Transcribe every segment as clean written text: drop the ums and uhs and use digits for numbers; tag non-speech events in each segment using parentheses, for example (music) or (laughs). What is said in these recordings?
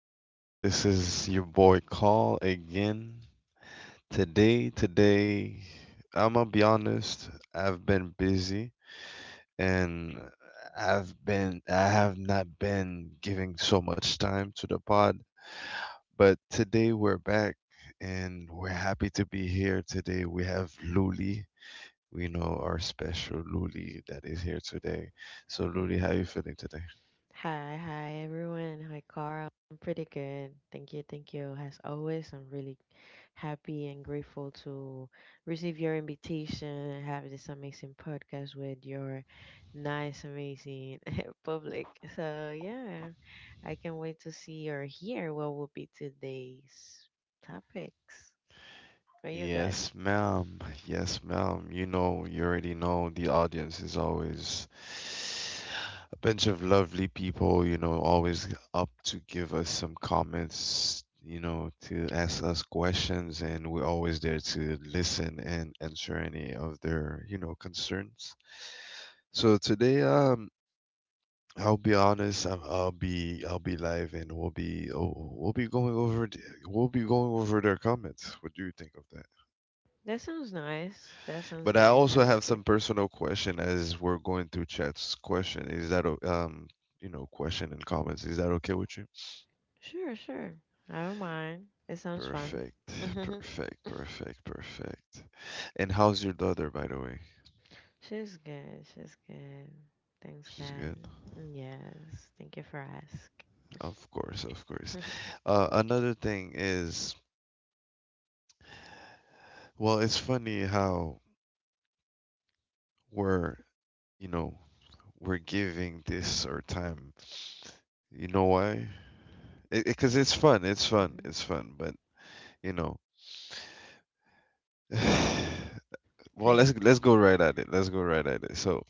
hello. This is your boy Call again. Today, today, I'm gonna be honest, I've been busy and I have not been giving so much time to the pod, but today we're back and we're happy to be here. Today we have Luli. We know our special Luli that is here today. So, Luli, how (laughs) you feeling today? Hi, hi everyone. Hi, Carl. I'm pretty good. Thank you, thank you. As always, I'm really happy and grateful to receive your invitation and have this amazing podcast with your nice, amazing (laughs) public. So, yeah, I can't wait to see or hear what will be today's topics. What you got? Yes, ma'am. Yes, ma'am. You know, you already know the audience is always a bunch of lovely people, you know, always up to give us some comments, you know, to ask us questions, and we're always there to listen and answer any of their, concerns. So today, I'll be honest, I'll be live and we'll be we'll be going we'll be going over their comments. What do you think of that? That sounds nice. That sounds But I nice. I also have like it. some personal question as we're going through chat's question. Is that you know question and comments? Is that okay with you? Sure, sure. I don't mind. It sounds fun. Perfect, perfect, (laughs) perfect, perfect. And how's your daughter, by the way? She's good. She's good. Thanks, She's God. good. Yes. Thank you for asking. Of course, of course. (laughs) Another thing is, well, it's funny how we're you know we're giving this our time. You know why? Because it's fun. It's fun. Mhm. It's fun. But you know. (laughs) (sighs) Well, let's (laughs) let's go right at it. Let's go right at it. So,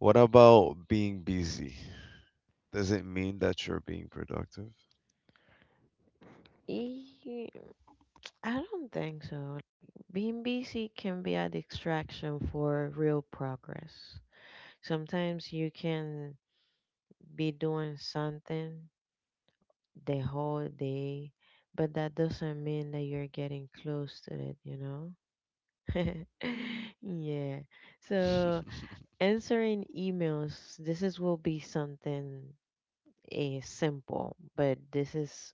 what about being busy? Does it mean that you're being productive? E- I don't think so. Being busy can be a distraction for real progress. Sometimes you can be doing something the whole day, but that doesn't mean that you're getting close to it, you know? (laughs) Yeah. (laughs) hmm So, answering emails, this is will be something is simple, but this is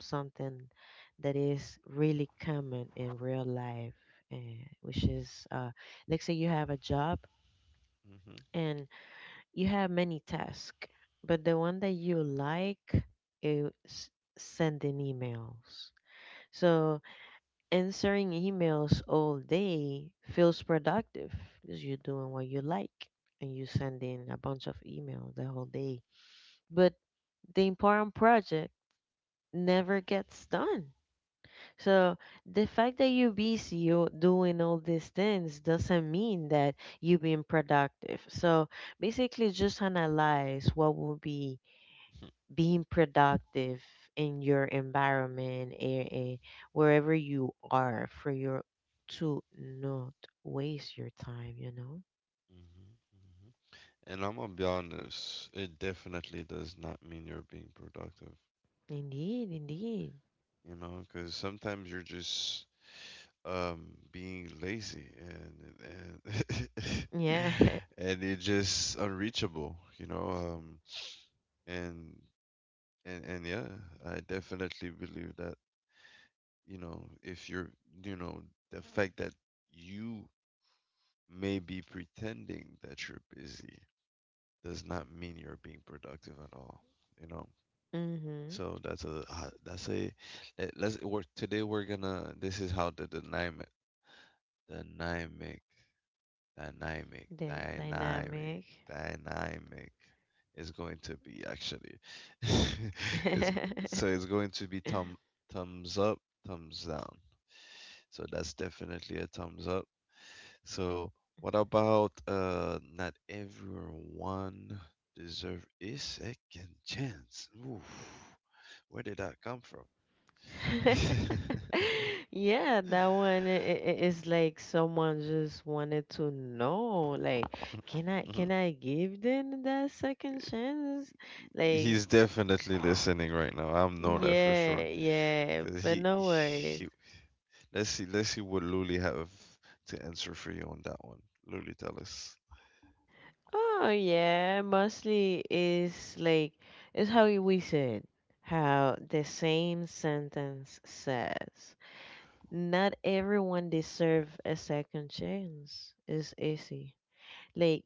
something that is really common in real life, and which is let's say you have a job hmm and you have many tasks, but the one that you like is sending emails. So answering emails all day feels productive because you're doing what you like and you're sending a bunch of emails the whole day. But the important project never gets done. So the fact that you're busy you doing all these things doesn't mean that you've been productive. So basically just analyze what would be being productive in your environment and wherever you are for your to not waste your time, you know? hmm And I'm gonna be honest, it definitely does not mean you're being productive, Indeed, indeed. you know, because sometimes you're just being lazy and Yeah. (laughs) (laughs) and you're just unreachable, you know. and and Yeah, I definitely believe that if you know, the fact that you may be pretending that you're busy does not mean you're being productive at all, you know. Mhm. So that's a ho- that's a let- let's work today. We're gonna this is how the dynamic dynamic The dynamic dynamic. dynamic is going to be. Actually, (laughs) is so it's (laughs) going to be thumbs up, thumbs down. So that's definitely a thumbs up. So, what about not everyone deserve a second chance? Oof. Where did that come from? (laughs) (laughs) Yeah, that one is like someone just wanted to know, like, can I Mhm. can I give them that second chance? Like, He's definitely listening right now. I know that for sure. yeah, yeah, Cause but no worries. he let's see, let's see what Luli have to answer for you on that one. Luli, tell us. Oh yeah, mostly is like it's how we said how the same sentence says. Not everyone deserve a second chance. It's easy. Like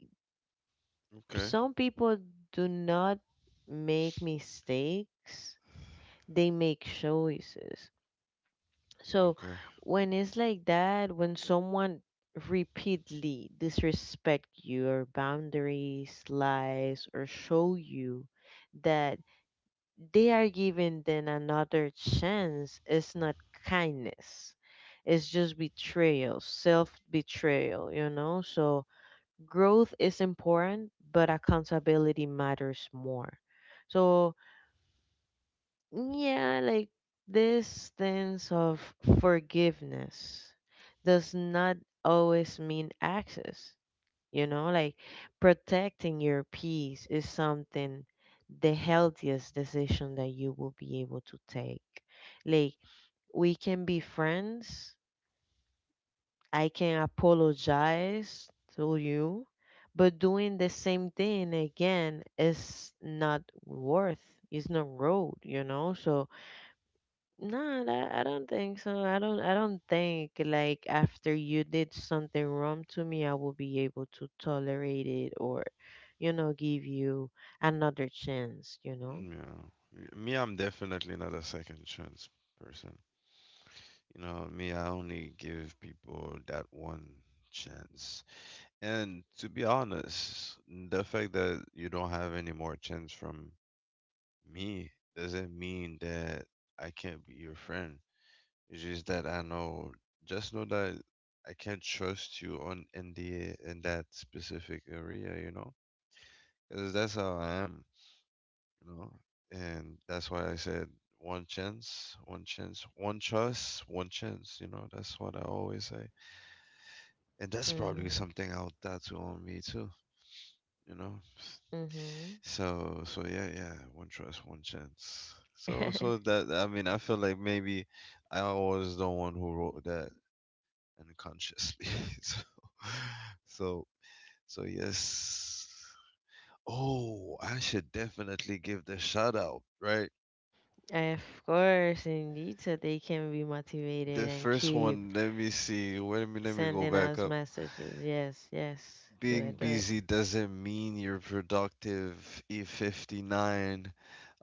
Okay, some people do not make mistakes, they make choices. So okay. when it's like that, when someone repeatedly disrespect your boundaries, lies, or show you that they are giving them another chance, it's not kindness. It's just betrayal, self betrayal, you know? So growth is important, but accountability matters more. So, yeah, like this sense of forgiveness does not always mean access. You know, like protecting your peace is something the healthiest decision that you will be able to take. Like, we can be friends I can apologize to you, but doing the same thing again is not worth. It's not road, you know. So no, I don't think so. I don't. I don't think like after you did something wrong to me, I will be able to tolerate it or, you know, give you another chance. You know. Yeah. Me, I'm definitely not a second chance person. You know, me, I only give people that one chance. And to be honest, the fact that you don't have any more chance from me doesn't mean that I can't be your friend. It's just that I know, just know that I can't trust you on in the in that specific area, you know, because that's how I am, you know? And that's why I said one chance, one chance, one trust, one chance, you know? That's what I always say. And that's probably Mhm. something I'll tattoo on me too, you know. Mhm. So so yeah, yeah, one trust, one chance. So (laughs) that, I mean, I feel like maybe I was the one who wrote that unconsciously. (laughs) so so yes. Oh, I should definitely give the shout out, right? Of course, indeed, so they can be motivated The and first keep one, let me see. Wait a minute, let me go sending back us up. messages. Yes, yes. Do Being it, do it. busy doesn't mean you're productive. E59,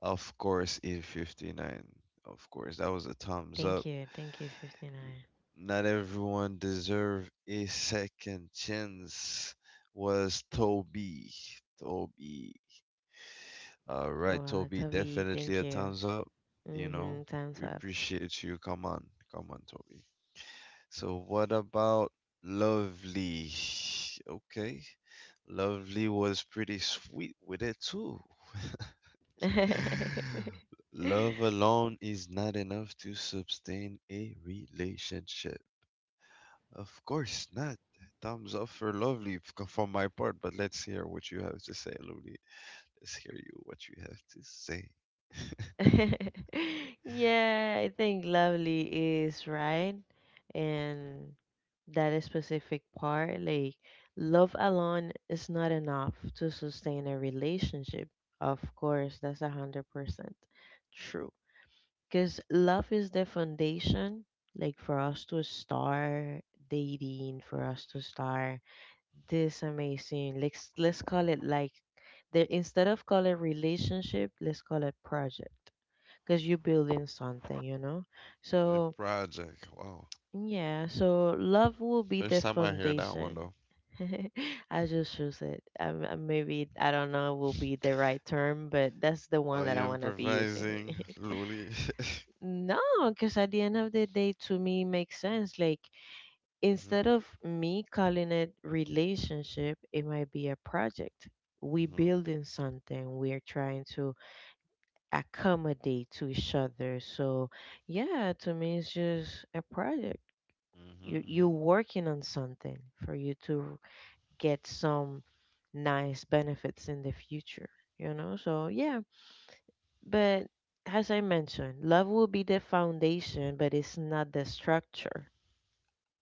of course. E59, of course, that was a thumbs Thank up. you. Thank you, 59. Not everyone deserve a second chance. Was Toby, Toby. All right, Wow, Toby, Toby, definitely thank a you. thumbs up. You know, Mm-hmm. Time's we up. appreciate you. Come on, come on, Toby. So what about Lovely? Okay. Lovely was pretty sweet with it too. (sighs) (laughs) (laughs) Love alone is not enough to sustain a relationship. Of course not. Thumbs up for Lovely from my part, but let's hear what you have to say, Lovely. Let's hear you what you have to say. Yeah, I think lovely is right. And that is specific part, like love alone is not enough to sustain a relationship. Of course, that's 100% true. Because love is the foundation, like for us to start dating, for us to start this amazing, let's call it, like, the, instead of call it relationship, let's call it project, because you're building something, you know. The So project. Wow. yeah, so love will be the First time I hear that one foundation. though. (laughs) I just choose it. Maybe I don't know will be the right term, but that's the one Are that I you want to be using. improvising, Luli? No, because at the end of the day, to me, it makes sense. Like, instead (laughs) of me calling it relationship, it might be a project. We hmm. building something. We are trying to accommodate to each other. So, yeah, to me, it's just a project. You Mhm, working on something for you to get some nice benefits in the future. You know. So yeah, but as I mentioned, love will be the foundation, but it's not the structure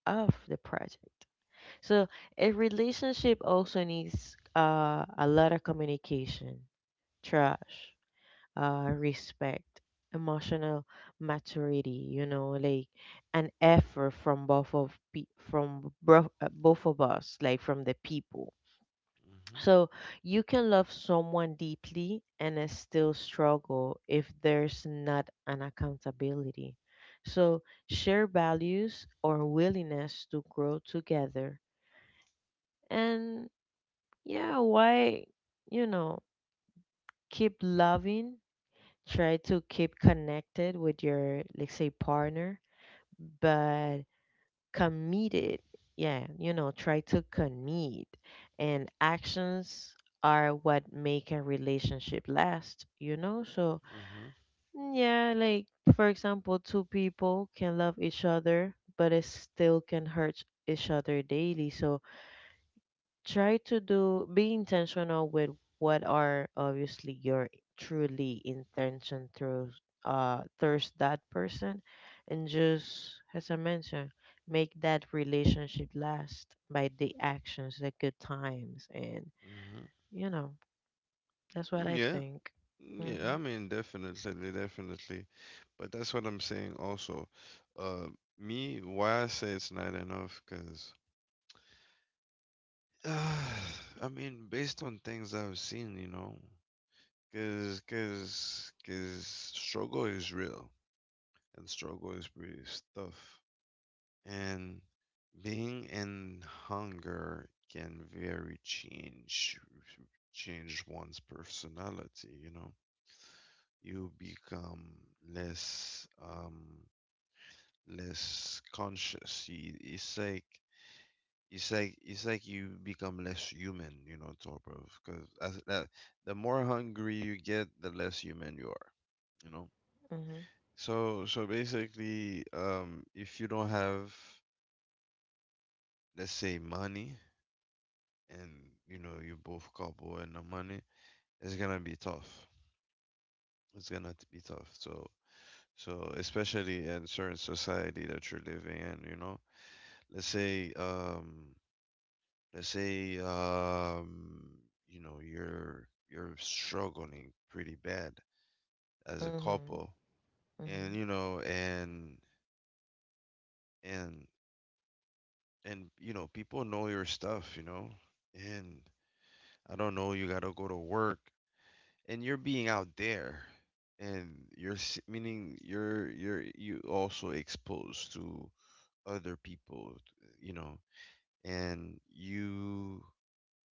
of the project. So a relationship also needs a lot of communication, trust, respect, emotional maturity. You know, like an effort from both of us, like from the people, mhm, so you can love someone deeply and still struggle if there's not an accountability. So share values or willingness to grow together. And yeah, why, you know, keep loving, try to keep connected with your, let's say, partner, but committed, yeah, you know, try to commit, and actions are what make a relationship last, you know. So mhm, mm, yeah, like for example two people can love each other but it still can hurt each other daily, so try to do be intentional with what are obviously your truly intention through towards that person, and just as I mentioned, make that relationship last by the actions, the good times, and, mhm, mhm. you know, that's what I Yeah, think. yeah. Mhm. I mean, definitely, definitely. But that's what I'm saying also. Uh, me, why I say it's not enough, because (sighs) I mean, based on things I've seen, you know, because struggle is real and struggle is pretty tough, and being in hunger can very change one's personality. You know, you become less um less conscious. It's like it's like you become less human, you know, sort of because as that, the more hungry you get, the less human you are, you know. Mhm. So so basically, if you don't have, let's say, money and you know you both couple and no money, it's gonna be tough, be tough. So so, especially in certain society that you're living in, you know, let's say, um, let's say, you know, you're struggling pretty bad as a Mhm. couple, and you know, and and and you know, people know your stuff, you know, and I don't know, you gotta go to work, and you're being out there, and meaning you also exposed to other people, you know. And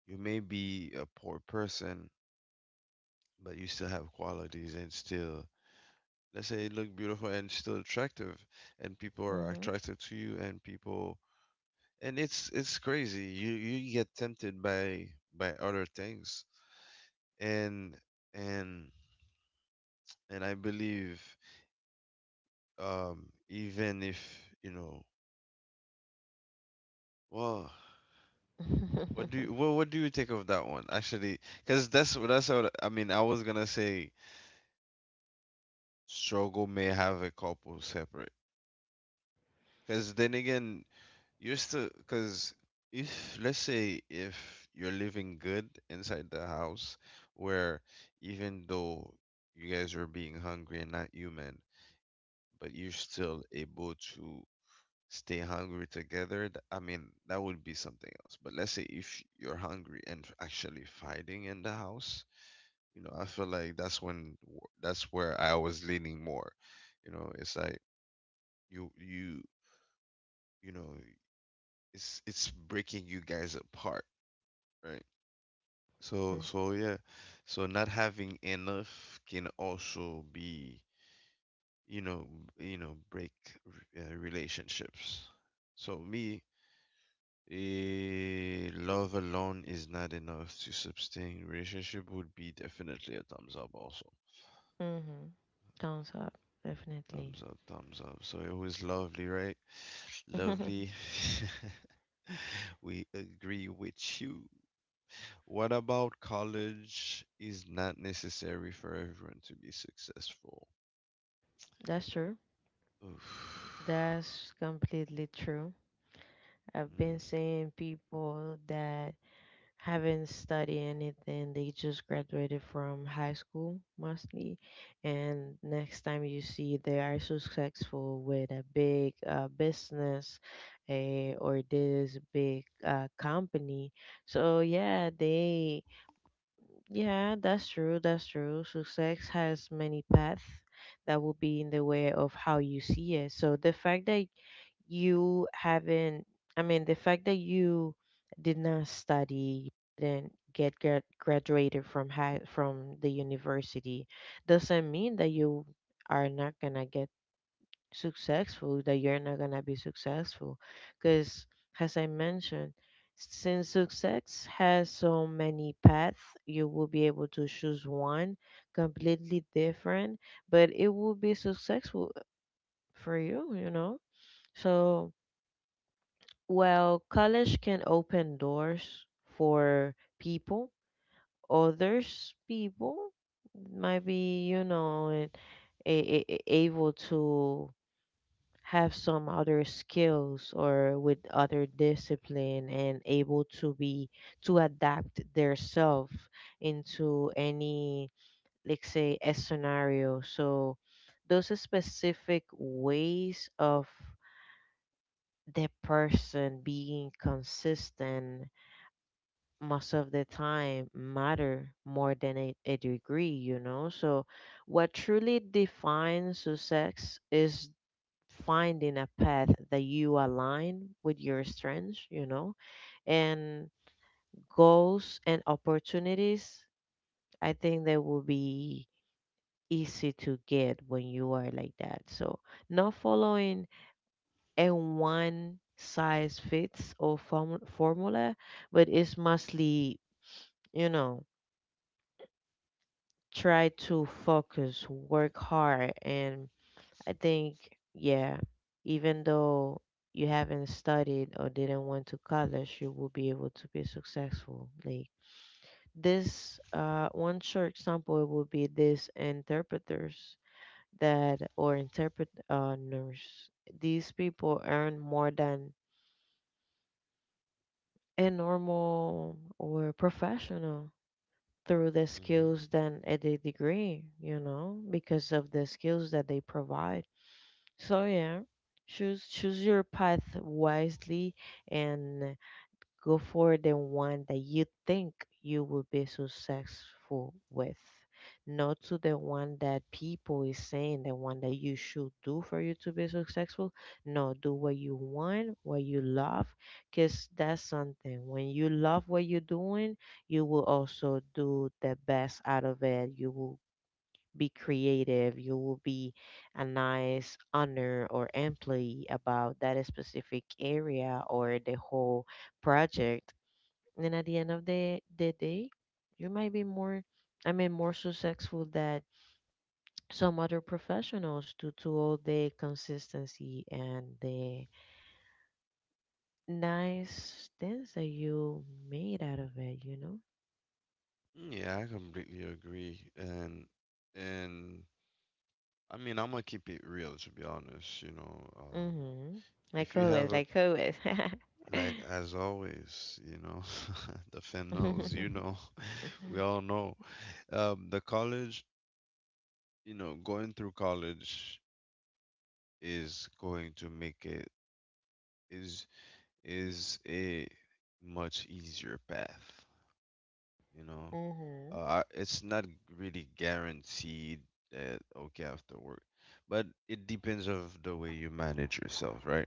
you may be a poor person, but you still have qualities and still, let's say, look beautiful and still attractive, and people Mhm. are Mhm. attracted to you and people. And it's crazy. You get tempted by other things. And and and I believe, even if you know, well, what do (laughs) you, well, what do you think of that one actually, because that's what I mean, I was gonna say struggle may have a couple separate. Because then again, you're still because if, let's say, if you're living good inside the house where even though you guys are being hungry and not human, but you're still able to stay hungry together. I mean, that would be something else, but let's say if you're hungry and actually fighting in the house, you know, I feel like that's that's where I was leaning more. You know, it's like you you you know, it's breaking you guys apart, right? So Mm. so yeah. So not having enough can also be, you know, you know, break relationships. So me, love alone is not enough to sustain relationship would be definitely a thumbs up also. Mhm. Thumbs up definitely. Thumbs up, thumbs up. So it was Lovely, right? (laughs) Lovely. (laughs) We agree with you. What about college is not necessary for everyone to be successful? That's true. (sighs) Oof. That's completely true. I've been seeing people that haven't studied anything, they just graduated from high school mostly. And next time you see they are successful with a big business, or this big company. So, yeah, they, yeah, that's true, that's true. Success has many paths that will be in the way of how you see it. So, the fact that you haven't, I mean, the fact that you did not study then get graduated from high from the university doesn't mean that you are not gonna get successful, that you're not gonna be successful, because as I mentioned, since success has so many paths, you will be able to choose one completely different, but it will be successful for you, you know. So, well, college can open doors for people, others people might be, you know, and able to have some other skills or with other discipline and able to be to adapt their self into any, like, say, a scenario. So those are specific ways of the person being consistent most of the time matter more than a degree, you know. So, what truly defines success is finding a path that you align with your strengths, you know, and goals and opportunities. I think that will be easy to get when you are like that. So, not following a one size fits all formula, but it's mostly, you know, try to focus, work hard, and I think, yeah, even though you haven't studied or didn't went to college, you will be able to be successful. Like this, one short example would be these interpreters that or interpret nurse. These people earn more than a normal or professional through the Mm-hmm. skills than at a degree, you know, because of the skills that they provide. So yeah, choose your path wisely and go for the one that you think you will be successful with, not to the one that people is saying the one that you should do for you to be successful. No, do what you want, what you love, cause that's something. When you love what you're doing, you will also do the best out of it. You will be creative, you will be a nice owner or employee about that specific area or the whole project. And at the end of the day, you might be more, I mean, more successful than some other professionals due to all the consistency and the nice things that you made out of it, you know? Yeah, I completely agree. And I mean, I'm gonna keep it real, to be honest, you know. Mm-hmm. If Like you have always, a, like always. (laughs) like as always, you know, (laughs) the fan (laughs) knows, you Mm-hmm. know, (laughs) we all know. The college, you know, going through college is going to make it is is a much easier path. You know, it's not really guaranteed that okay after work, but it depends of the way you manage yourself, right?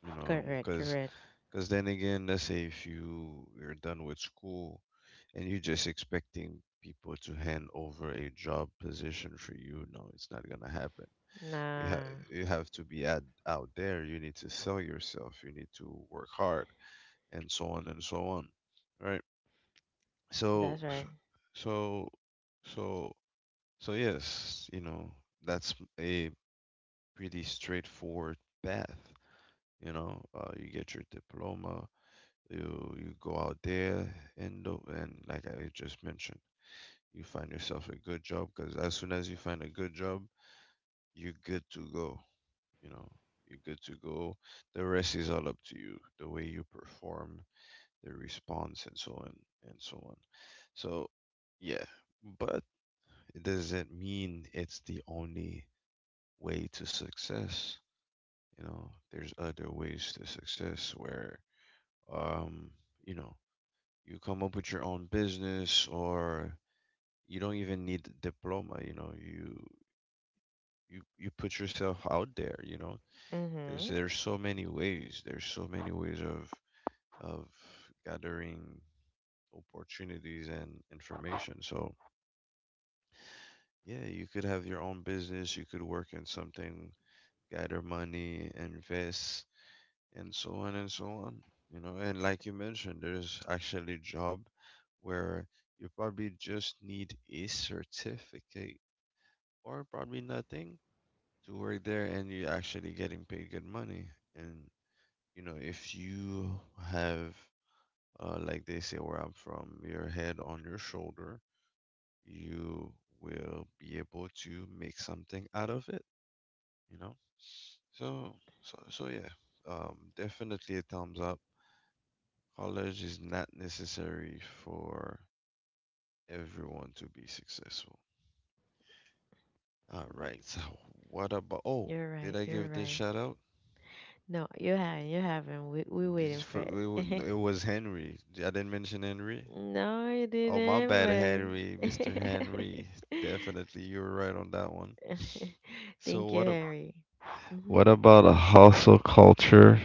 You know, Correct, correct. because then again, let's say if you're done with school and you're just expecting people to hand over a job position for you, no, it's not gonna happen. You have Nah, you have to be at, out there. You need to sell yourself. You need to work hard and so on and so on, right? so that's right. so so so yes, you know, that's a pretty straightforward path. You know, you get your diploma, you go out there and and like I just mentioned, you find yourself a good job, because as soon as you find a good job, you're good to go, you know, you're good to go. The rest is all up to you, the way you perform, their response, and so on and so on. So yeah. But it doesn't mean it's the only way to success. You know, there's other ways to success where, um you know, you come up with your own business, or you don't even need a diploma, you know. You put yourself out there, you know, because Mm-hmm. there's so many ways, there's so many ways of of gathering opportunities and information. So, yeah, you could have your own business, you could work in something, gather money, invest, and so on and so on. You know, and like you mentioned, there's actually a job where you probably just need a certificate or probably nothing to work there, and you're actually getting paid good money. And, you know, if you have, like they say where I'm from, your head on your shoulder, you will be able to make something out of it, you know? So, so yeah, definitely a thumbs up. College is not necessary for everyone to be successful. All right, so what about, oh, You're did right, I you're give this right. shout out? No, you haven't, you haven't. We This waiting for for, it. No, it (laughs) was Henry. I didn't mention Henry. No, you Oh, my didn't, bad, Henry, but Mr. Henry. (laughs) Definitely, you were right on that one. So thank you, what a Harry. Mm-hmm. What about a hustle culture?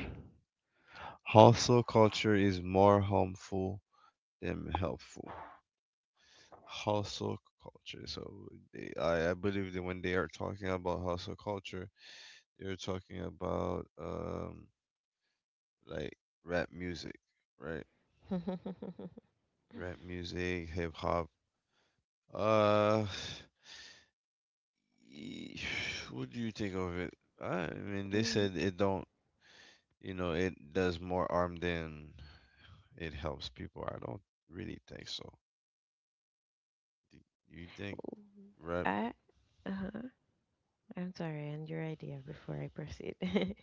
Hustle culture is more harmful than helpful. Hustle culture. So I believe that when they are talking about hustle culture, they're talking about like rap music, right? Rap music, hip hop. Uh, (sighs) y- What do you think of it? I mean, (laughs) they Mm. said it don't, it does more harm than it helps people. I don't really think so. Do you think? Right. I Uh-huh. I'm sorry, and your idea before I proceed. (laughs)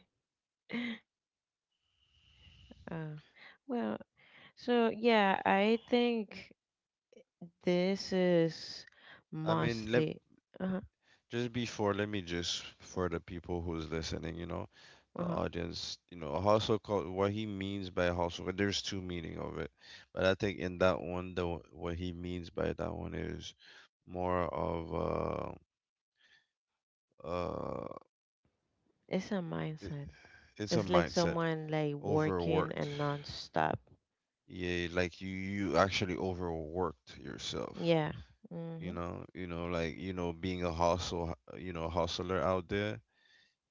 uh, well, so yeah, I think. This is I mean, let mostly uh-huh, just before, let me just for the people who's listening, you know, the uh-huh. audience, you know, a hustle called what he means by hustle. There's two meaning of it, but I think in that one, the what he means by that one is more of uh uh It's a it, mindset. it's a It's like mindset. someone like working Overworked. and non-stop. Yeah, like you actually overworked yourself. Yeah. you Mm-hmm. know you know like you know, being a hustle you know, hustler out there,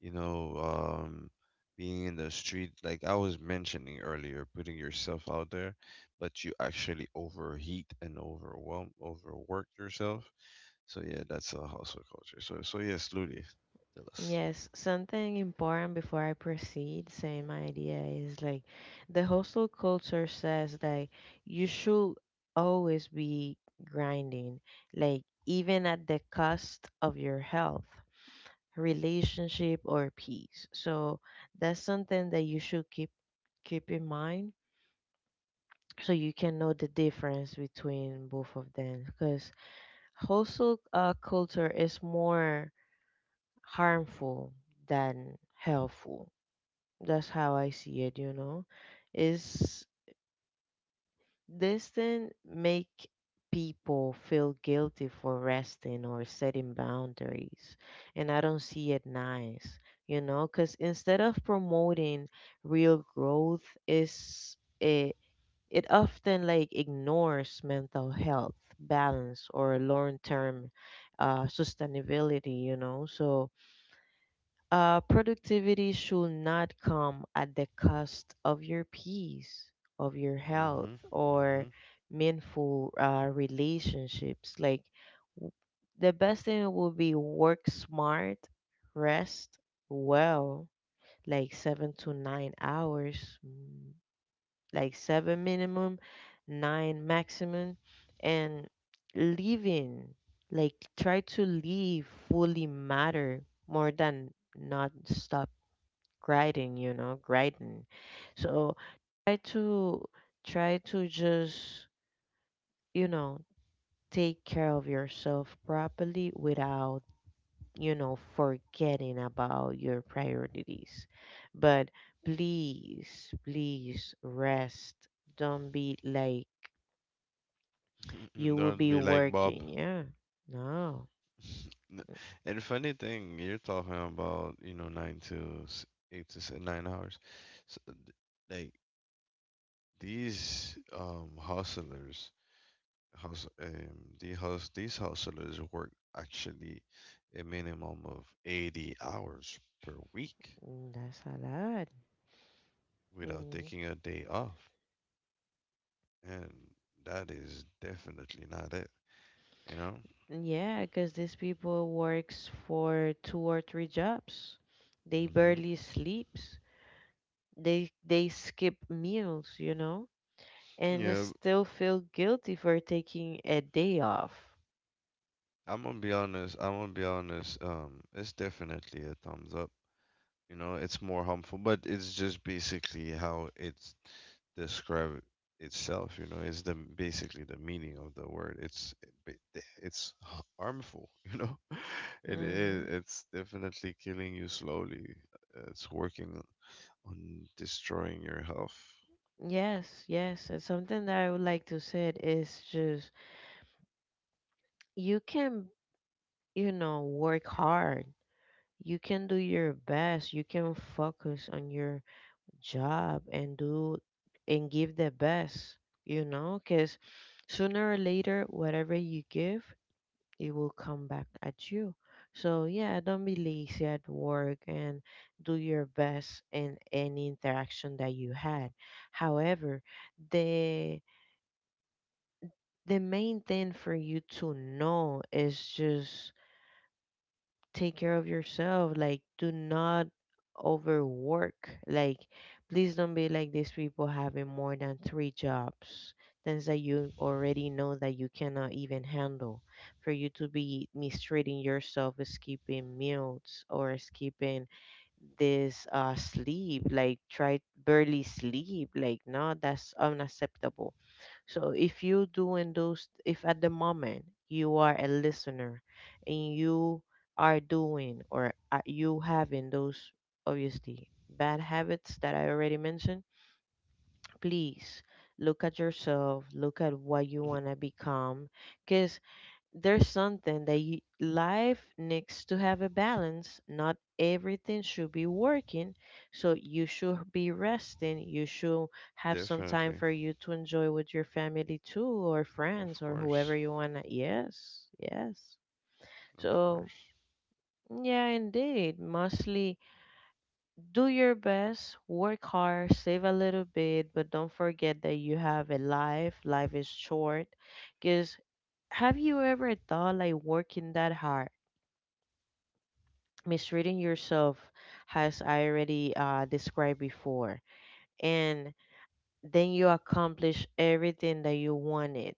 you know, being in the street, like I was mentioning earlier, putting yourself out there, but you actually overheat and overwhelm, overwork yourself. So yeah, that's a hustle culture. So yes, Ludi, tell us. Yes, something important before I proceed, saying my idea is like the hostel culture says that you should always be grinding, like even at the cost of your health, relationship, or peace. So that's something that you should keep in mind so you can know the difference between both of them because hustle culture is more harmful than helpful. That's how I see it, you know, is this thing make people feel guilty for resting or setting boundaries, and I don't see it nice, you know, because instead of promoting real growth is. It often like ignores mental health, balance, or long-term sustainability. You know, so productivity should not come at the cost of your peace, of your Hmm, health, or hmm. meaningful relationships. Like w- the best thing would be work smart, rest well, like 7 to 9 hours like seven minimum, nine maximum, and living, like try to live fully matter more than not stop grinding, you know, grinding. So try to try to just, you know, take care of yourself properly without forgetting about your priorities. But please, please rest. Don't be like... You (laughs) will Don't be be like Bob. working. Yeah. No. (laughs) N- and funny thing, you're talking about, you know, nine to s- eight to s- 9 hours. so, th- like These hustlers, hus the hus these hustlers work actually a minimum of 80 hours per week Mm, that's a lot. without Hmm. taking a day off, and that is definitely not it, you know? Yeah, because these people works for two or three jobs. They Hmm. barely sleeps. They skip meals, and they Yeah, still feel guilty for taking a day off. I'm gonna be honest, I'm gonna be honest, it's definitely a thumbs up. You know, it's more harmful, but it's just basically how it's describe itself. You know, it's the basically the meaning of the word. It's harmful. (laughs) You know, it Hmm. is. It's definitely killing you slowly. It's working on destroying your health. Yes, yes. And something that I would like to say is just you can work hard. You can do your best. You can focus on your job and do and give the best, because sooner or later, whatever you give, it will come back at you. So, yeah, don't be lazy at work and do your best in any interaction that you had. However, the the main thing for you to know is just take care of yourself. Like, do not overwork. Like, please don't be like these people having more than three jobs, things that you already know that you cannot even handle. For you to be mistreating yourself, skipping meals or skipping this sleep, like try barely sleep, like no, that's unacceptable. So if you doing those, if at the moment you are a listener and you are doing or are you having those obviously bad habits that I already mentioned, please look at yourself, look at what you Mhm. want to become, cause there's something that you, life needs to have a balance. Not everything should be working, so you should be resting. You should have some time Definitely, for you to enjoy with your family too, or of friends, or whoever course, you want. Yes, yes. of So course. yeah, indeed. Mostly do your best, work hard, save a little bit, but don't forget that you have a life. Life is short, because have you ever thought like working that hard? Misreading yourself as I already described before. And then you accomplish everything that you wanted,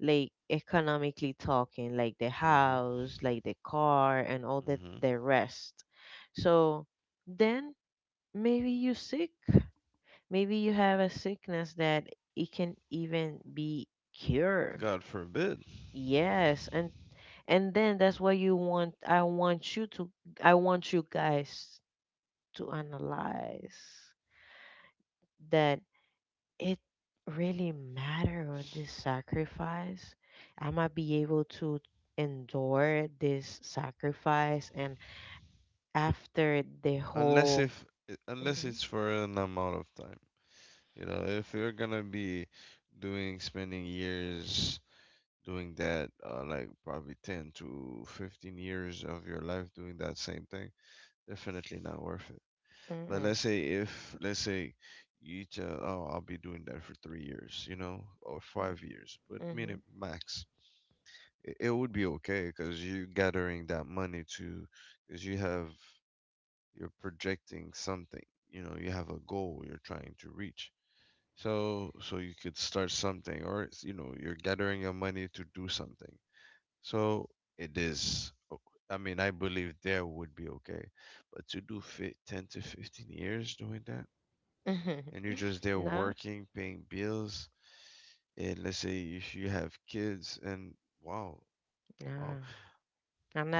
like economically talking, like the Mhm. house, like the car, and all the, Mhm. the rest. So then maybe you sick. Maybe you have a sickness that it can even be cured. God forbid. Yes, and then that's what you want. I want you to. I want you guys to analyze that it really matter on this sacrifice. I might be able to endure this sacrifice and after the Unless whole... if unless Mm-hmm, it's for an amount of time. You know, if you're gonna be doing spending years doing that, like probably 10 to 15 years of your life doing that same thing, definitely not worth it. But mm-hmm, let's say if let's say you tell, oh, I'll be doing that for 3 years, you know, or 5 years, but mm-hmm. minimum max, it would be okay because you're gathering that money to, because you're projecting something. You know, you have a goal you're trying to reach. So you could start something or it's, you know, you're gathering your money to do something. So it is o- I mean, I believe there would be okay. But to do fit 10 to 15 years doing that and you're just (laughs) there Nah, working, paying bills, and let's say if you have kids and wow, nah. wow.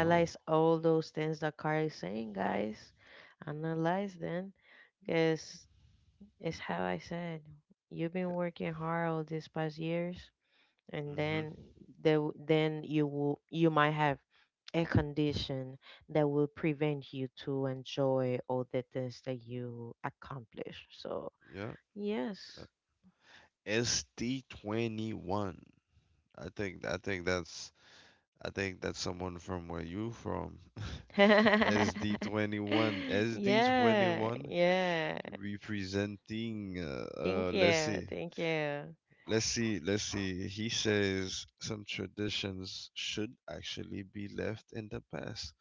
No. all those things that Carl is saying, guys. Analyze them because it's how I said, you've been working hard all these past years and Mhm. then then you will, you might have a condition that will prevent you to enjoy all the things that you accomplish. So Yeah. yes. uh, ST21. I think I think that's I think that's someone from where you from. (laughs) SD21. Yeah, SD21 yeah, representing, thank let's you, see. thank you. Let's see. He says some traditions should actually be left in the past.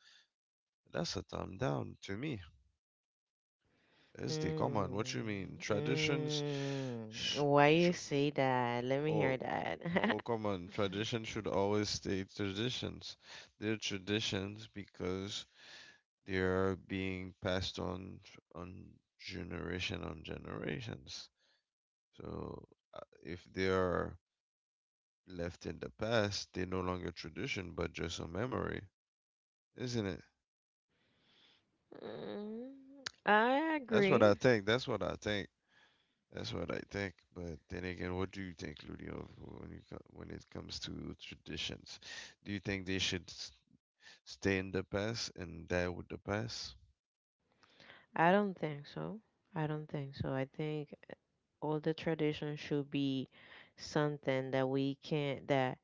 That's a thumb down to me. SD, come on, Mm, what you mean? Traditions, mm. sh- Why tr- you say that, let me oh, hear that. oh, (laughs) come on, tradition should always stay traditions. They're traditions because they are being passed on on generation on generations. So if they are left in the past, they're no longer tradition, but just a memory, isn't it? Mm, I That's what I agree. think. That's what I think. That's what I think. But then again, what do you think, Ludio, when when it comes to traditions? Do you think they should stay in the past and die with the past? I don't think so. I don't think so. I think all the tradition should be something that we can that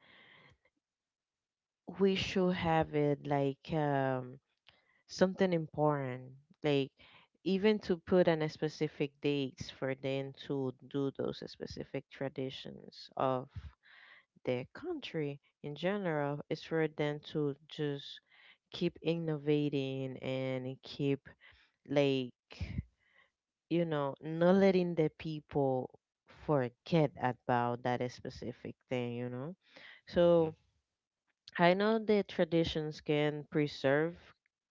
we should have it like something important, like even to put on a specific dates for them to do those specific traditions of their country in general is for them to just keep innovating and keep like you know, not letting the people forget about that specific thing, you know. Mhm. So I know the traditions can preserve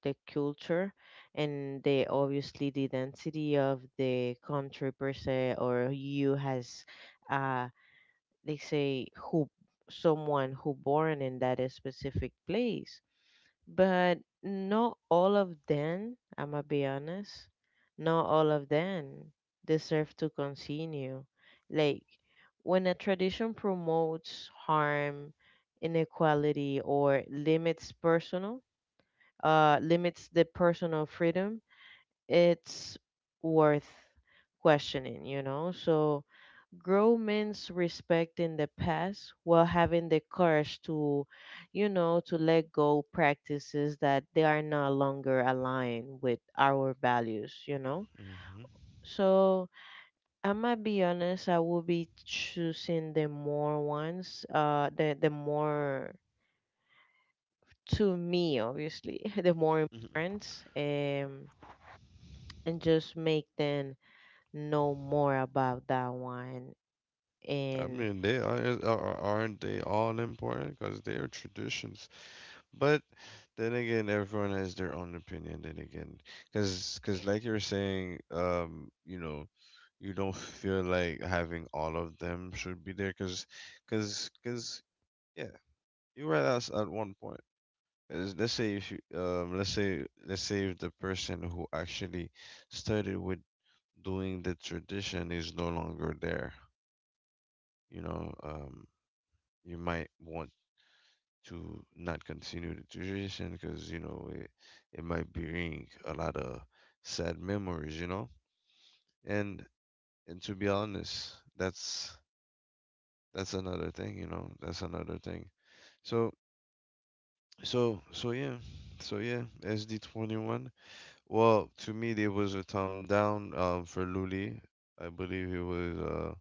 the culture and the obviously the density of the country per se or you as uh they say who someone who born in that specific place, but not all of them, I'ma be honest, not all of them deserve to continue. Like when a tradition promotes harm, inequality, or limits personal, limits the personal freedom, it's worth questioning, you know? So grow men's respect in the past while having the courage to, to let go practices that they are no longer aligned with our values, you know? Mhm. So I'm gonna be honest, I will be choosing the more ones, the more to me obviously, (laughs) the more Mhm. important and just make them know more about that one I and... mean, they are aren't they all important because they are traditions. But then again, everyone has their own opinion. Then again, because like you were saying, you know, you don't (laughs) feel like having all of them should be there. Because yeah, you were at 1 point. 'Cause let's say if you let's say if the person who actually started with doing the tradition is no longer there, you know, you might want to not continue the tradition because you know it, it might bring a lot of sad memories, you know, and and to be honest, that's another thing, you know, that's another thing so yeah, SD21, well, to me there was a thumb down, for Luli I believe it was uh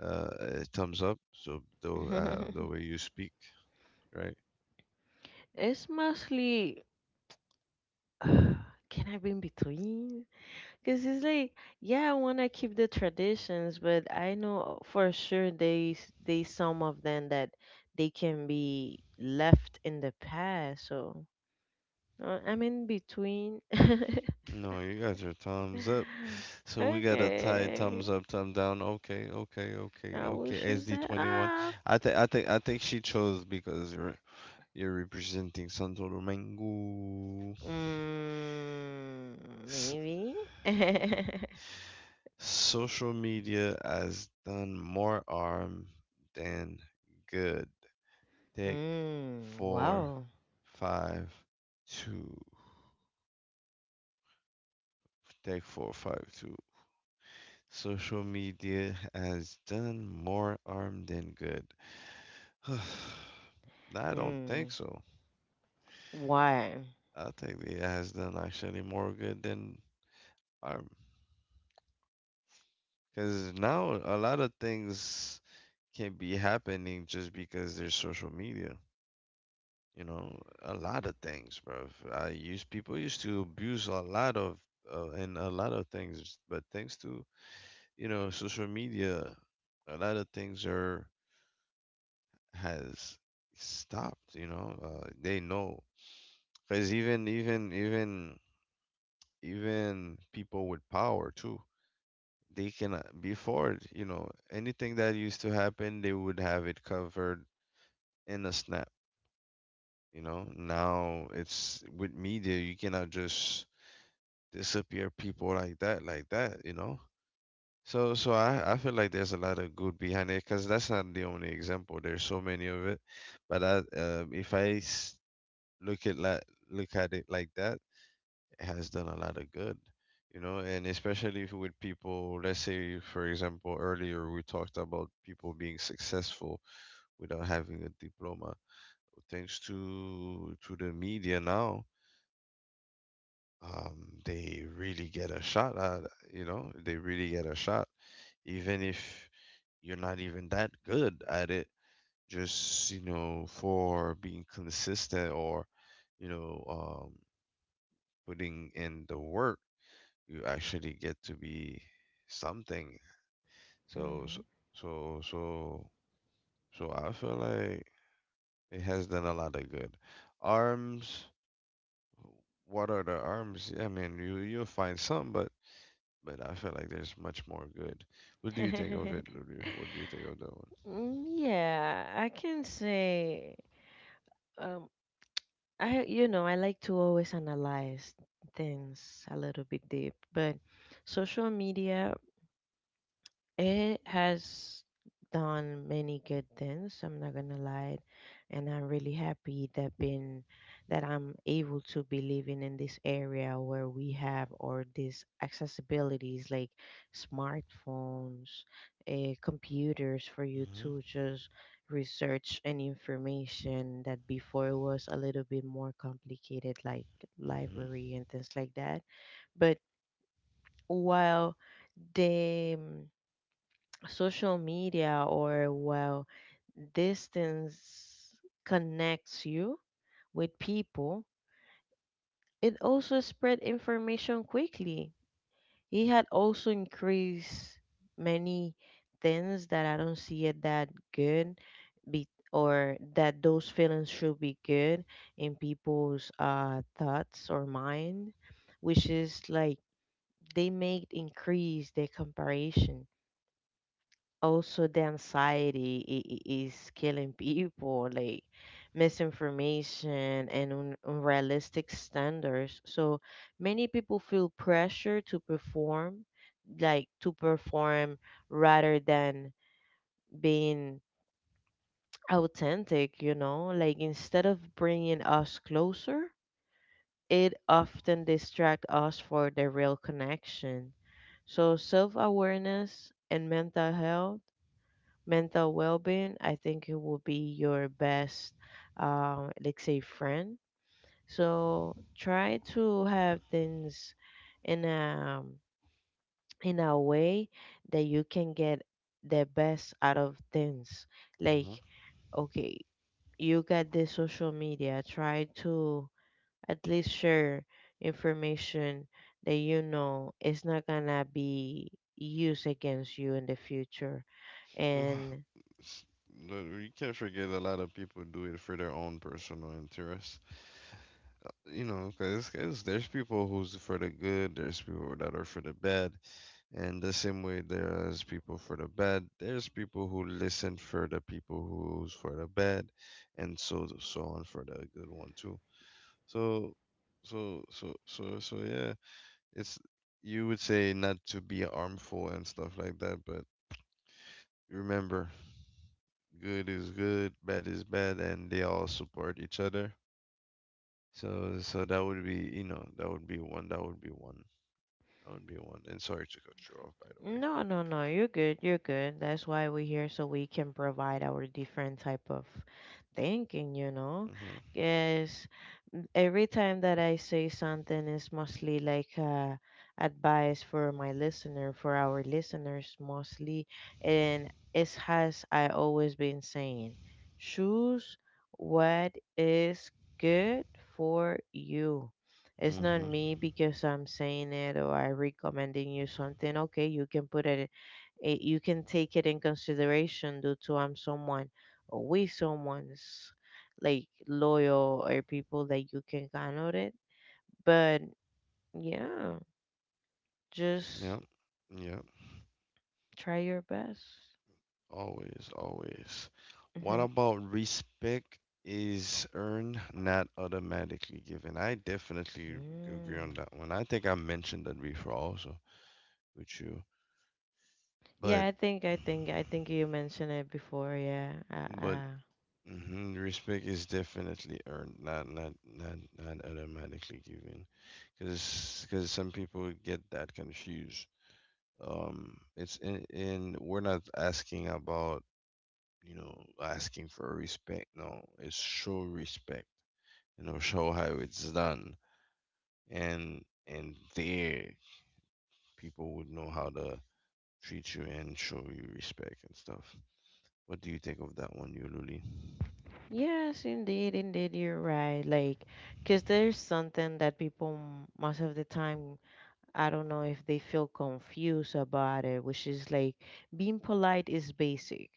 uh a thumbs up, so the way (laughs) you speak, right. It's mostly... (sighs) Can I be in between? Because it's like, yeah, I want to keep the traditions, but I know for sure they, some of them that they can be left in the past. So I'm in between. (laughs) No, you got your thumbs up. So we got a tie, Okay, thumbs up, thumb down. Okay, okay, okay, I will okay. choose that SD21. up. I think she chose because you're representing Santo Domingo. Mm, S- maybe. (laughs) Social media has done more harm than good. Take Mm, four, wow. five, two. Take four, five, two. Social media has done more harm than good. (sighs) I don't Mm, think so. why? I think it has done actually more good than harm. Because now a lot of things can be happening just because there's social media. You know, a lot of things, bro. I use people used to abuse a lot of and a lot of things, but thanks to, you know, social media, a lot of things are has stopped. You know, they know because even people with power too. They can, before, you know, anything that used to happen, they would have it covered in a snap. You know, now it's with media, you cannot just disappear people like that, like that. You know, so I feel like there's a lot of good behind it, because that's not the only example. There's so many of it, but I if I look at la- look at it like that, has done a lot of good, you know, and especially if with people, let's say, for example, earlier we talked about people being successful without having a diploma. Thanks to the media now, they really get a shot at, you know, they really get a shot, even if you're not even that good at it. Just, you know, for being consistent, or, you know, um, putting in the work, you actually get to be something. So so so so, so I feel like it has done a lot of good. Arms, what are the arms? I mean, you'll find some, but I feel like there's much more good. What do you think of Hmm. it, Lulu? What do you (laughs) think of that one? Mm, yeah, I can say um I, you know, I like to always analyze things a little bit deep, but social media, it has done many good things, I'm not gonna lie. And I'm really happy that been that I'm able to be living in this area where we have or these accessibilities like smartphones, computers for you Mhm. to just research and information that before was a little bit more complicated, like Mhm. library and things like that. But while the social media, or well, distance connects you with people, it also spread information quickly. It had also increased many things that I don't see it that good, be or that those feelings should be good in people's thoughts or mind, which is like they make increase their comparison, also the anxiety, is killing people like misinformation and unrealistic standards. So many people feel pressure to perform like to perform rather than being authentic, you know, like instead of bringing us closer, it often distracts us for the real connection. So self-awareness and mental health, mental well-being, I think it will be your best let's say friend. So try to have things in a in a way that you can get the best out of things, like... Mhm. Okay, you got the social media, try to at least share information that you know is not gonna be used against you in the future, Well, and... (sighs) (laughs) s- no, you can't forget a lot of people do it for their own personal interest. You know, because there's people who's for the good, there's people that are for the bad, and the same way there's people for the bad, there's people who listen for the people who's for the bad, and so so on for the good one too. So, yeah, it's, you would say not to be harmful and stuff like that, but remember, good is good, bad is bad, and they all support each other. So so that would be, you know, that would be one on B1. And sorry to cut you off, by No, no, no. You're good. You're good. That's why we're here so we can provide our different type of thinking, you know. the Because every time that I say something is mostly like advice for my listener, for our listeners mostly, and it has I always been saying, choose what is good for you. way. Hmm, It's not hmm. me because I'm saying it or I recommending you something. Okay, you can put it, you can take it in consideration due to I'm someone or we someone's like loyal or people that you can count on it. But yeah, just Yep. Yep. try your best. Always, always. What (laughs) about respect is earned, not automatically given? I definitely agree on Mm. that one. I think I mentioned that before also with you. But Yeah, I think you mentioned it before. Yeah, but uh. hmm, respect is definitely earned, not automatically given, because some people get that confused. It's in, and we're not asking about, you know, asking for respect. No, it's show respect, you know. (laughs) Show how it's done, and there people would know how to treat you and show you respect and stuff. What do you think of that one, yululi? Yes, indeed, indeed, you're right. Like, because there's something that people most of the time, I don't know if they feel confused about it, which is like being polite is basic.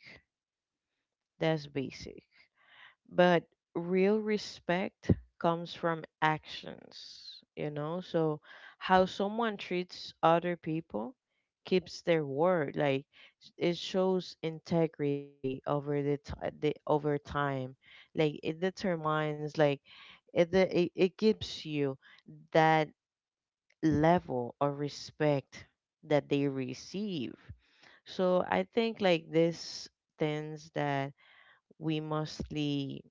That's basic, but real respect comes from actions, you know. So how someone treats other people, keeps their word, like it shows integrity over the over time, like it determines, like it, the- it gives you that level of respect that they receive. So I think like this things that we mostly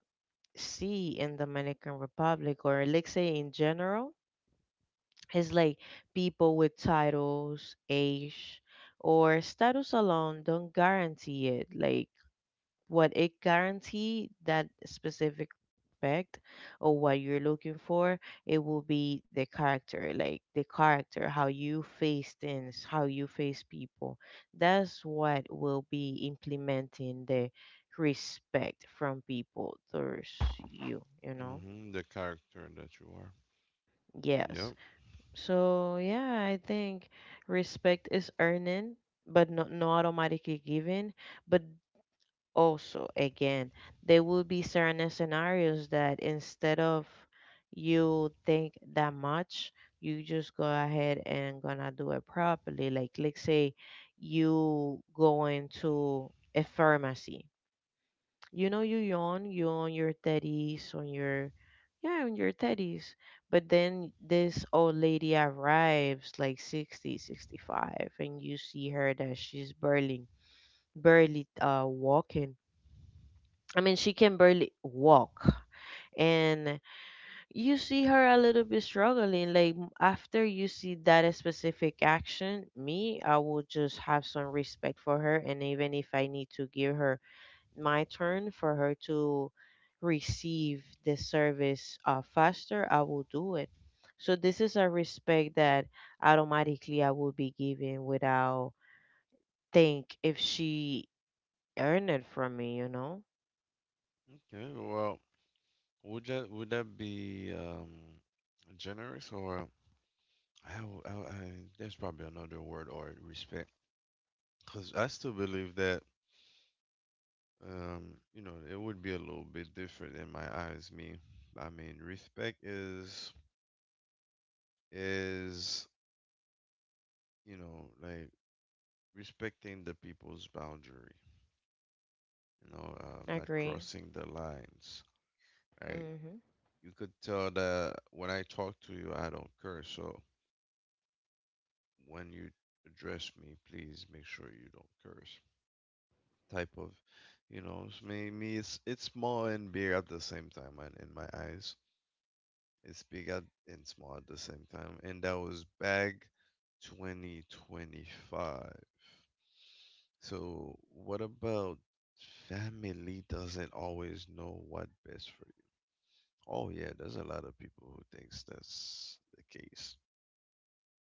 see in Dominican Republic, or let's say in general, is like people with titles, age, or status alone don't guarantee it. Like what it guarantee that specific aspect or what you're looking for, it will be the character, like the character, how you face things, how you face people. That's what will be implementing the respect from people towards you, you know? Mm-hmm, the character that you are. Yep. Yes. So yeah, I think respect is earning, but not not automatically given. But also, again, there will be certain scenarios that instead of you think that much, you just go ahead and gonna do it properly. Like let's say you go into a pharmacy, you know, you yawn, you on your teddies, on yeah, on your teddies. But then this old lady arrives like 60, 65, and you see her that she's barely, barely walking. I mean, she can barely walk. And you see her a little bit struggling. Like, after you see that specific action, me, I will just have some respect for her. And even if I need to give her my turn for her to receive the service faster, I will do it. So this is a respect that automatically I will be given without think if she earned it from me, you know? Okay, well, would that be generous, or I, I, I, there's probably another word, or respect. Because I still believe that, you know, it would be a little bit different in my eyes. Me, I mean, respect is, you know, like respecting the people's boundary. You know, not Agree. crossing the lines. Right? Hmm. You could tell that when I talk to you, I don't curse. So when you address me, please make sure you don't curse. Type of, you know, me, it's small and big at the same time, and in my eyes, it's big at, and small at the same time. And that was back 2025. So, what about family doesn't always know what best for you? Oh, yeah, there's a lot of people who thinks that's the case.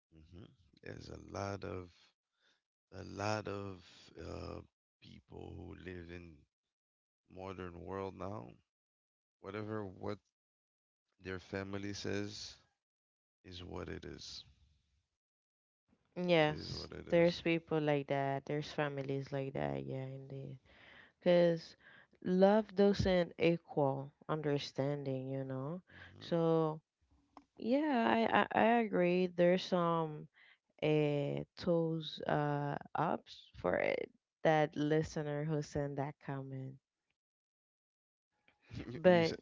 Hmm. There's a lot of a lot of uh, people who live in modern world now. Whatever what their family says is what it is. It is what Yes, it is. there's people like that. There's families like that. Yeah, indeed. Because love doesn't equal understanding, you know? Mm-hmm. So, yeah, I agree. There's some a toes ups for it, that listener who sent that comment. (laughs) You, said But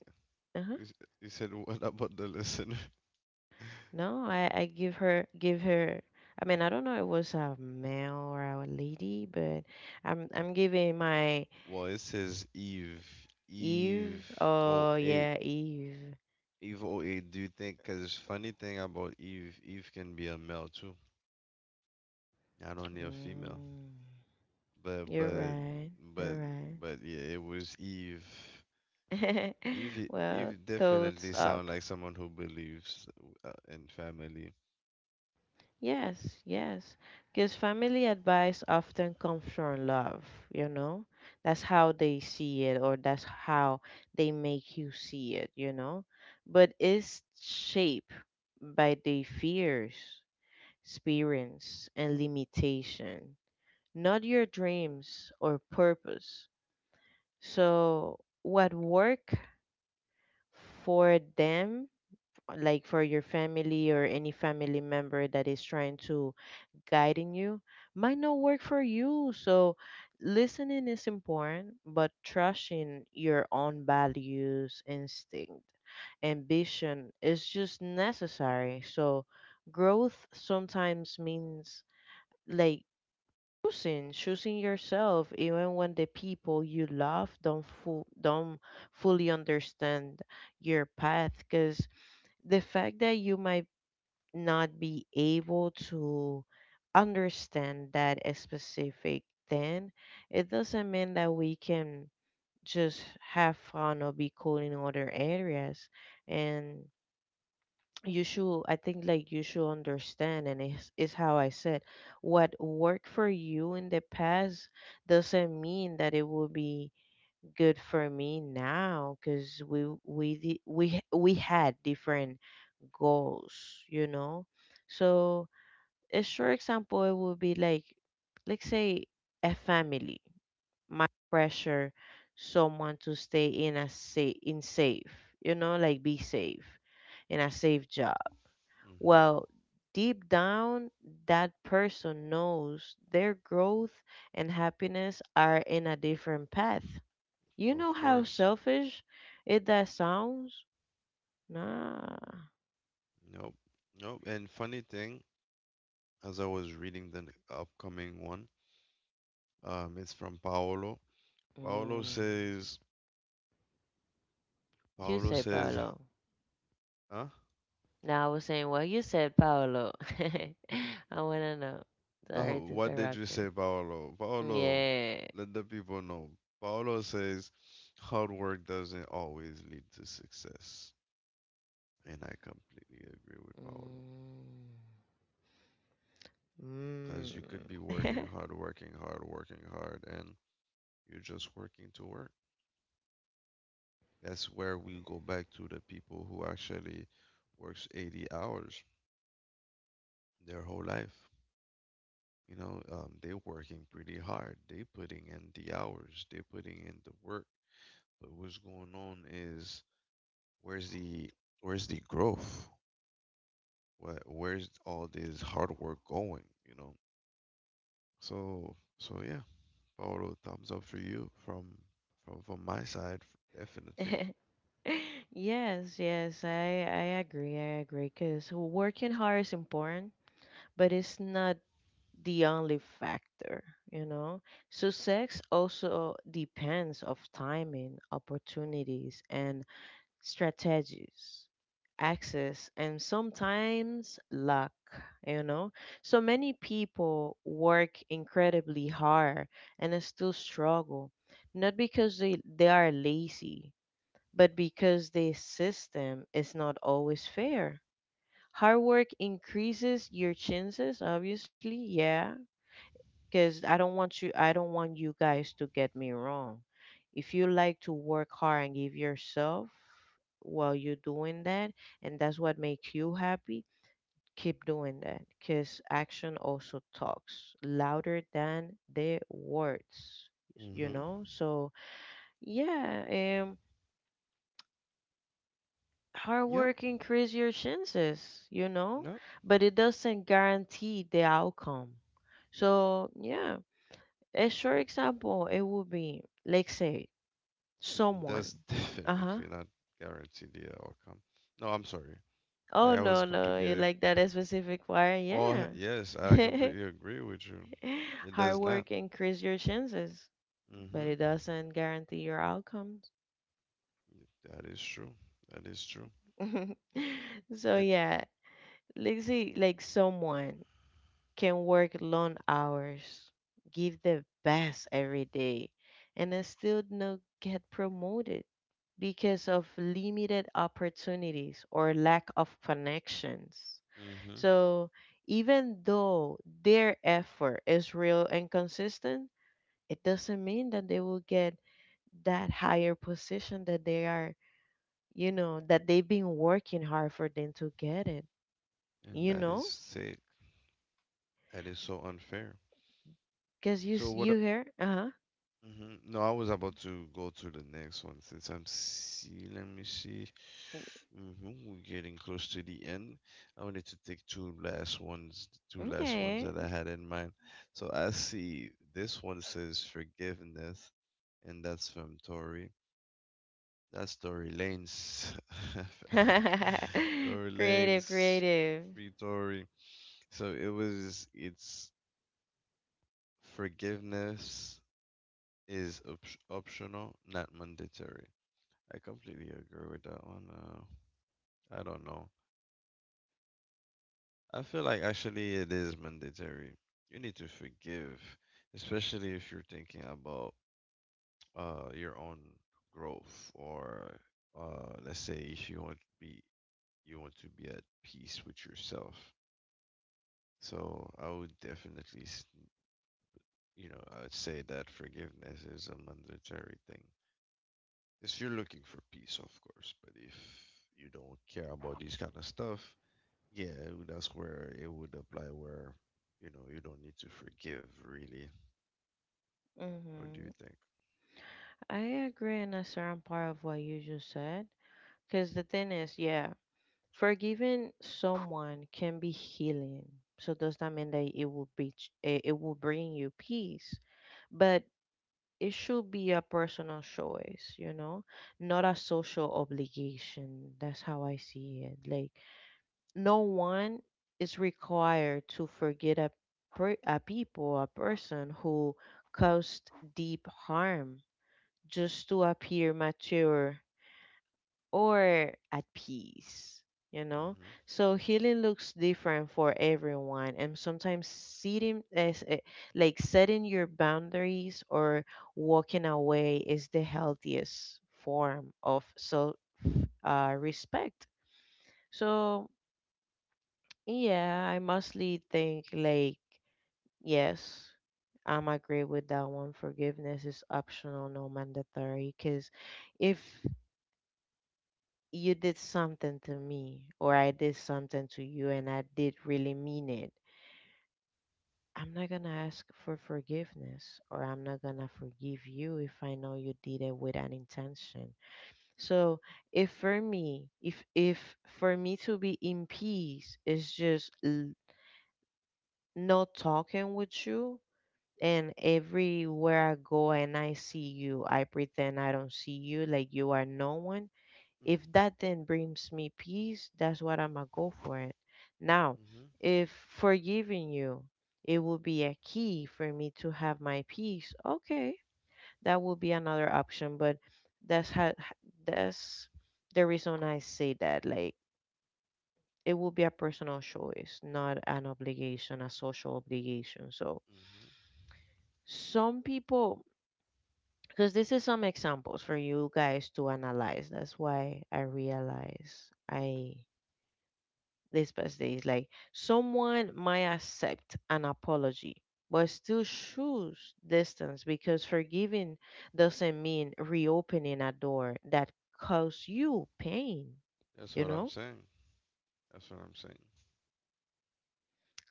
you, uh... s- you said what about the listener? (laughs) No, I give her, give her. I mean, I don't know if it was a male or a lady, but I'm giving my... Well, it says Eve, Eve Eve. or Oh eight, yeah, Eve. Eve or Do you think? Because funny thing about Eve, Eve can be a male too, not only a female. Mm, But you're but right. but You're but yeah, it was Eve. right. Eve (laughs) Eve Well, definitely toes sound up. like someone who believes in family. Yes, yes. Because family advice often comes from love, you know? That's how they see it, or that's how they make you see it, you know? But it's shaped by their fears, experience, and limitation, not your dreams or purpose. So, what work for them, like for your family or any family member that is trying to guiding you, might not work for you. So listening is important, but trusting your own values, instinct, ambition is just necessary. So growth sometimes means, like choosing yourself even when the people you love don't fully understand your path. Because the fact that you might not be able to understand that a specific thing, it doesn't mean that we can just have fun or be cool in other areas. And you should, I think, like you should understand, and it's how I said, what worked for you in the past doesn't mean that it will be good for me now, because we had different goals, you know? So a sure example it would be like, let's say, a family might pressure someone to stay in a safe, in safe, you know, like be safe in a safe job. Hmm. Well, deep down that person knows their growth and happiness are in a different path. You Of know how course. selfish it that sounds? Nah. Nope. Nope. And funny thing, as I was reading the upcoming one. It's from Paolo. Paolo Mm. says, You Paolo say says, Paolo. huh? Now I was saying, well, you said Paolo. (laughs) I wanna know. No, Sorry to what did you interrupt say, you. Paolo? Paolo, Yeah. let the people know. Paolo says, hard work doesn't always lead to success. And I completely agree with Paolo. Mm. Because you could be working Mm. hard, working hard, working hard, and you're just working to work. That's where we go back to the people who actually works 80 hours their whole life. You know, they're working pretty hard. They putting in the hours. They putting in the work. But what's going on is where's the where's the growth? Where's all this hard work going? You know. So yeah, Paolo, thumbs up for you from from my side, (laughs) definitely. (laughs) Yes, yes, I agree. I agree. Cause working hard is important, but it's not the only factor, you know. Success also depends of timing, opportunities, and strategies, access, and sometimes luck, you know? So many people work incredibly hard and they still struggle, not because they are lazy, but because the system is not always fair. Hard work increases your chances, obviously, yeah, because I don't want you guys to get me wrong. If you like to work hard and give yourself while you're doing that and that's what makes you happy, keep doing that because action also talks louder than the words, you Mm-hmm. know? So, yeah, hard Yep. work increase your chances, you know, Nope. but it doesn't guarantee the outcome. So, yeah, a sure example, it would be, like, say, That's someone. (laughs) Uh definitely huh. not guarantee the outcome. No, I'm sorry. I Oh, was no, no. completely. You like that specific fire? Oh, yes, I Yeah. completely agree with you. (laughs) It does Hard not. work increase your chances, Mm-hmm. but it doesn't guarantee your outcomes. That is true. That is true. (laughs) And, So, yeah, like, see, like someone can work long hours, give their best every day, and I still not get promoted because of limited opportunities or lack of connections. mm-hmm. So even though their effort is real and consistent, it doesn't mean that they will get that higher position that they are, you know, that they've been working hard for them to get it, And you that is know? sick. That is so unfair. Because So what? you hear, uh Mm-hmm. No, I was about to go to the next one since I'm see. Let me see. huh. Mm-hmm. We're getting close to the end. I wanted to take two last ones that Okay. I had in mind. So I see this one says forgiveness, and that's from Tori. That's Tory Lane's (laughs) Tory (laughs) Creative, Lane's creative. free Tory. It's forgiveness is optional, not mandatory. I completely agree with that one. I don't know. I feel like actually it is mandatory. You need to forgive, especially if you're thinking about your own growth or let's say if you want to be you want to be at peace with yourself. So I would definitely, you know, I would say that forgiveness is a mandatory thing. If you're looking for peace, of course, but if you don't care about these kind of stuff, yeah, that's where it would apply where, you know, you don't need to forgive really. What do you Hmm. think? I agree, in a certain part of what you just said. Because the thing is, yeah, forgiving someone can be healing. So does that mean that it will be it will bring you peace? But it should be a personal choice, you know, not a social obligation. That's how I see it. Like no one is required to forget a people, a person who caused deep harm just to appear mature or at peace, you Mm-hmm. know? So healing looks different for everyone, and sometimes like setting your boundaries or walking away is the healthiest form of self, respect. So yeah, I mostly think like yes, I'm agree with that one. Forgiveness is optional, no mandatory. Because if you did something to me or I did something to you and I did really mean it, I'm not gonna ask for forgiveness or I'm not gonna forgive you if I know you did it with an intention. So if for me to be in peace is just, not talking with you. And everywhere I go and I see you, I pretend I don't see you, like you are no one. Mm. If that then brings me peace, that's what I'm gonna go for it. Now, Mm-hmm. if forgiving you, it will be a key for me to have my peace. Okay, that will be another option, but that's how, that's the reason I say that. Like it will be a personal choice, not an obligation, a social obligation. So Mm-hmm. some people, because this is some examples for you guys to analyze. That's why I realize I this past day is like someone might accept an apology, but still choose distance because forgiving doesn't mean reopening a door that caused you pain, That's what you I'm know? saying. That's what I'm saying.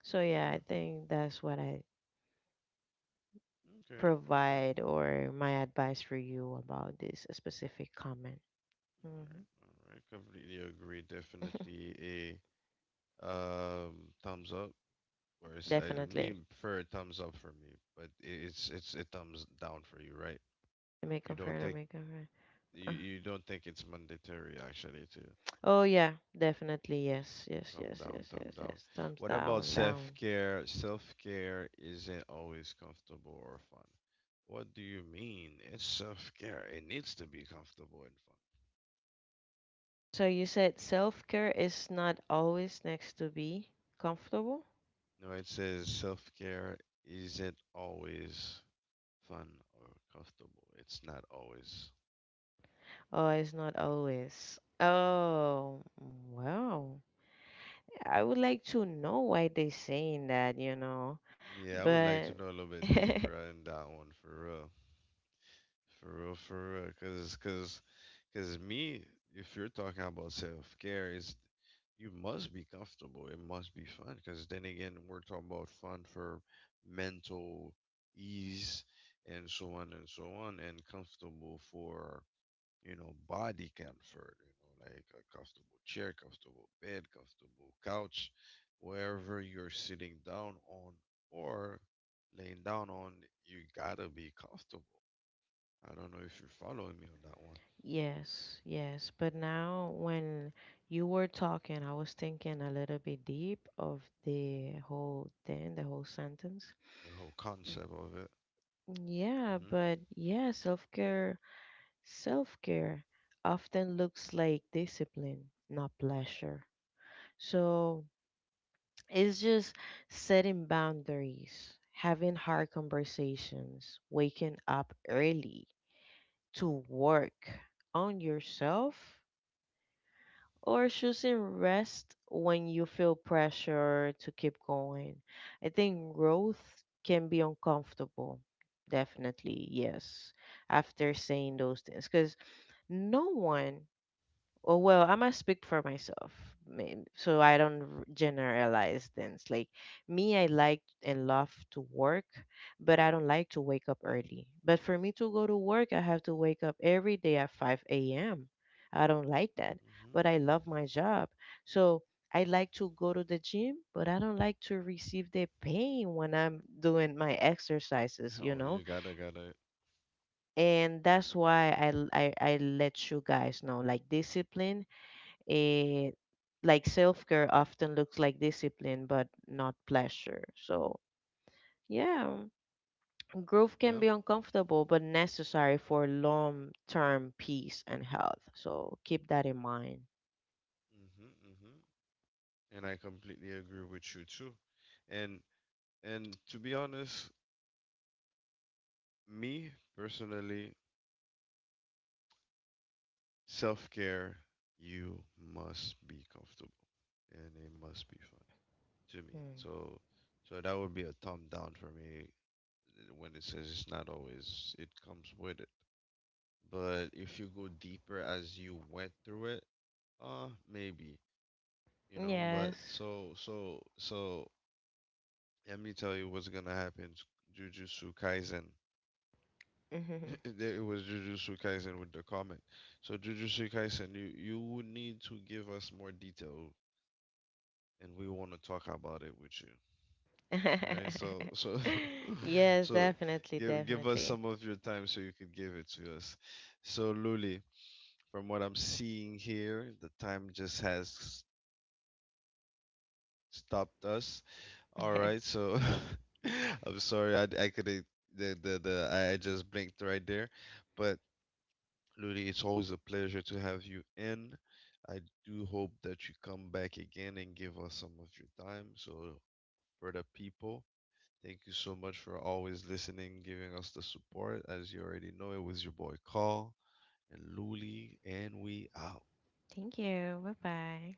So Mm-hmm. yeah, I think that's what I Okay. Okay. provide or my advice for you about this specific comment. All right. Hmm. All right. Completely agree. Definitely a thumbs up course. (laughs) I me Definitely. prefer a thumbs up for me, but it's a thumbs down for you, right? Let You me don't think confirm, let me confirm. Uh, you don't think it's mandatory actually to Oh yeah, definitely. Yes, yes, thumb yes, down, thumb yes, yes, down. yes. What Thumbs about down, self down. care? Self care isn't always comfortable or fun. What do you mean? It's self care. It needs to be comfortable and fun. So you said self-care is not always next to be comfortable? No, it says self care isn't always fun or comfortable. It's not always. Oh, it's not always. Mm-hmm. Oh, wow. I would like to know why they saying that, you know. Yeah, I would like to know But a little bit deeper (laughs) on that one for real. For real, for real. Cause me, if you're talking about self-care, is you must be comfortable. It must be fun. Cause then again, we're talking about fun for mental ease and so on and so on, and comfortable for you know, body comfort, you know, like a comfortable chair, comfortable bed, comfortable couch, wherever you're sitting down on or laying down on, you gotta be comfortable. I don't know if you're following me on that one. yes, yes. But now when you were talking, I was thinking a little bit deep of the whole thing, the whole sentence. The whole concept of it. Yeah, but yeah, self care often looks like discipline, not pleasure. So it's just setting boundaries, having hard conversations, waking up early to work on yourself or choosing rest when you feel pressure to keep going. I think growth can be uncomfortable. Definitely, yes. After saying those things, because no one, oh, well, I must speak for myself, so I don't generalize things. Like me, I like and love to work, but I don't like to wake up early. But for me to go to work, I have to wake up every day at 5 a.m. I don't like that, Hmm. but I love my job. So I like to go to the gym, but I don't like to receive the pain when I'm doing my Hmm. (laughs) exercises, Oh, you you know? gotta gotta. And that's why I let you guys know, like discipline, eh, like self care often looks like discipline, but not pleasure. So, yeah, growth Yep. can be uncomfortable, but necessary for long term peace and health. So, keep that in mind. Hmm. Hmm. And I completely agree with you too. And and to be honest, me personally, self care, you must be comfortable and it must be fun to me. Hmm. So, so that would be a thumb down for me when it says it's not always, it comes with it. But if you go deeper as you went through it, maybe, you know, but Yes. so, let me tell you what's gonna happen. Jujutsu Kaisen. (laughs) Mhm. It was Jujutsu Kaisen with the comment. So Jujutsu Kaisen, you would need to give us more detail and we want to talk about it with you. All right? So (laughs) (laughs) Yes, so definitely, give us some definitely. of your time so you could give it to us. So Luli, from what I'm seeing here, the time just has stopped us. All right. (laughs) So (laughs) I'm sorry I couldn't the I just blinked right there, but Luli, it's always a pleasure to have you in. I do hope that you come back again and give us some of your time so for the people thank you so much for always listening, giving us the support. As you already know, it was your boy Call and Luli, and we out. Thank you. Bye bye.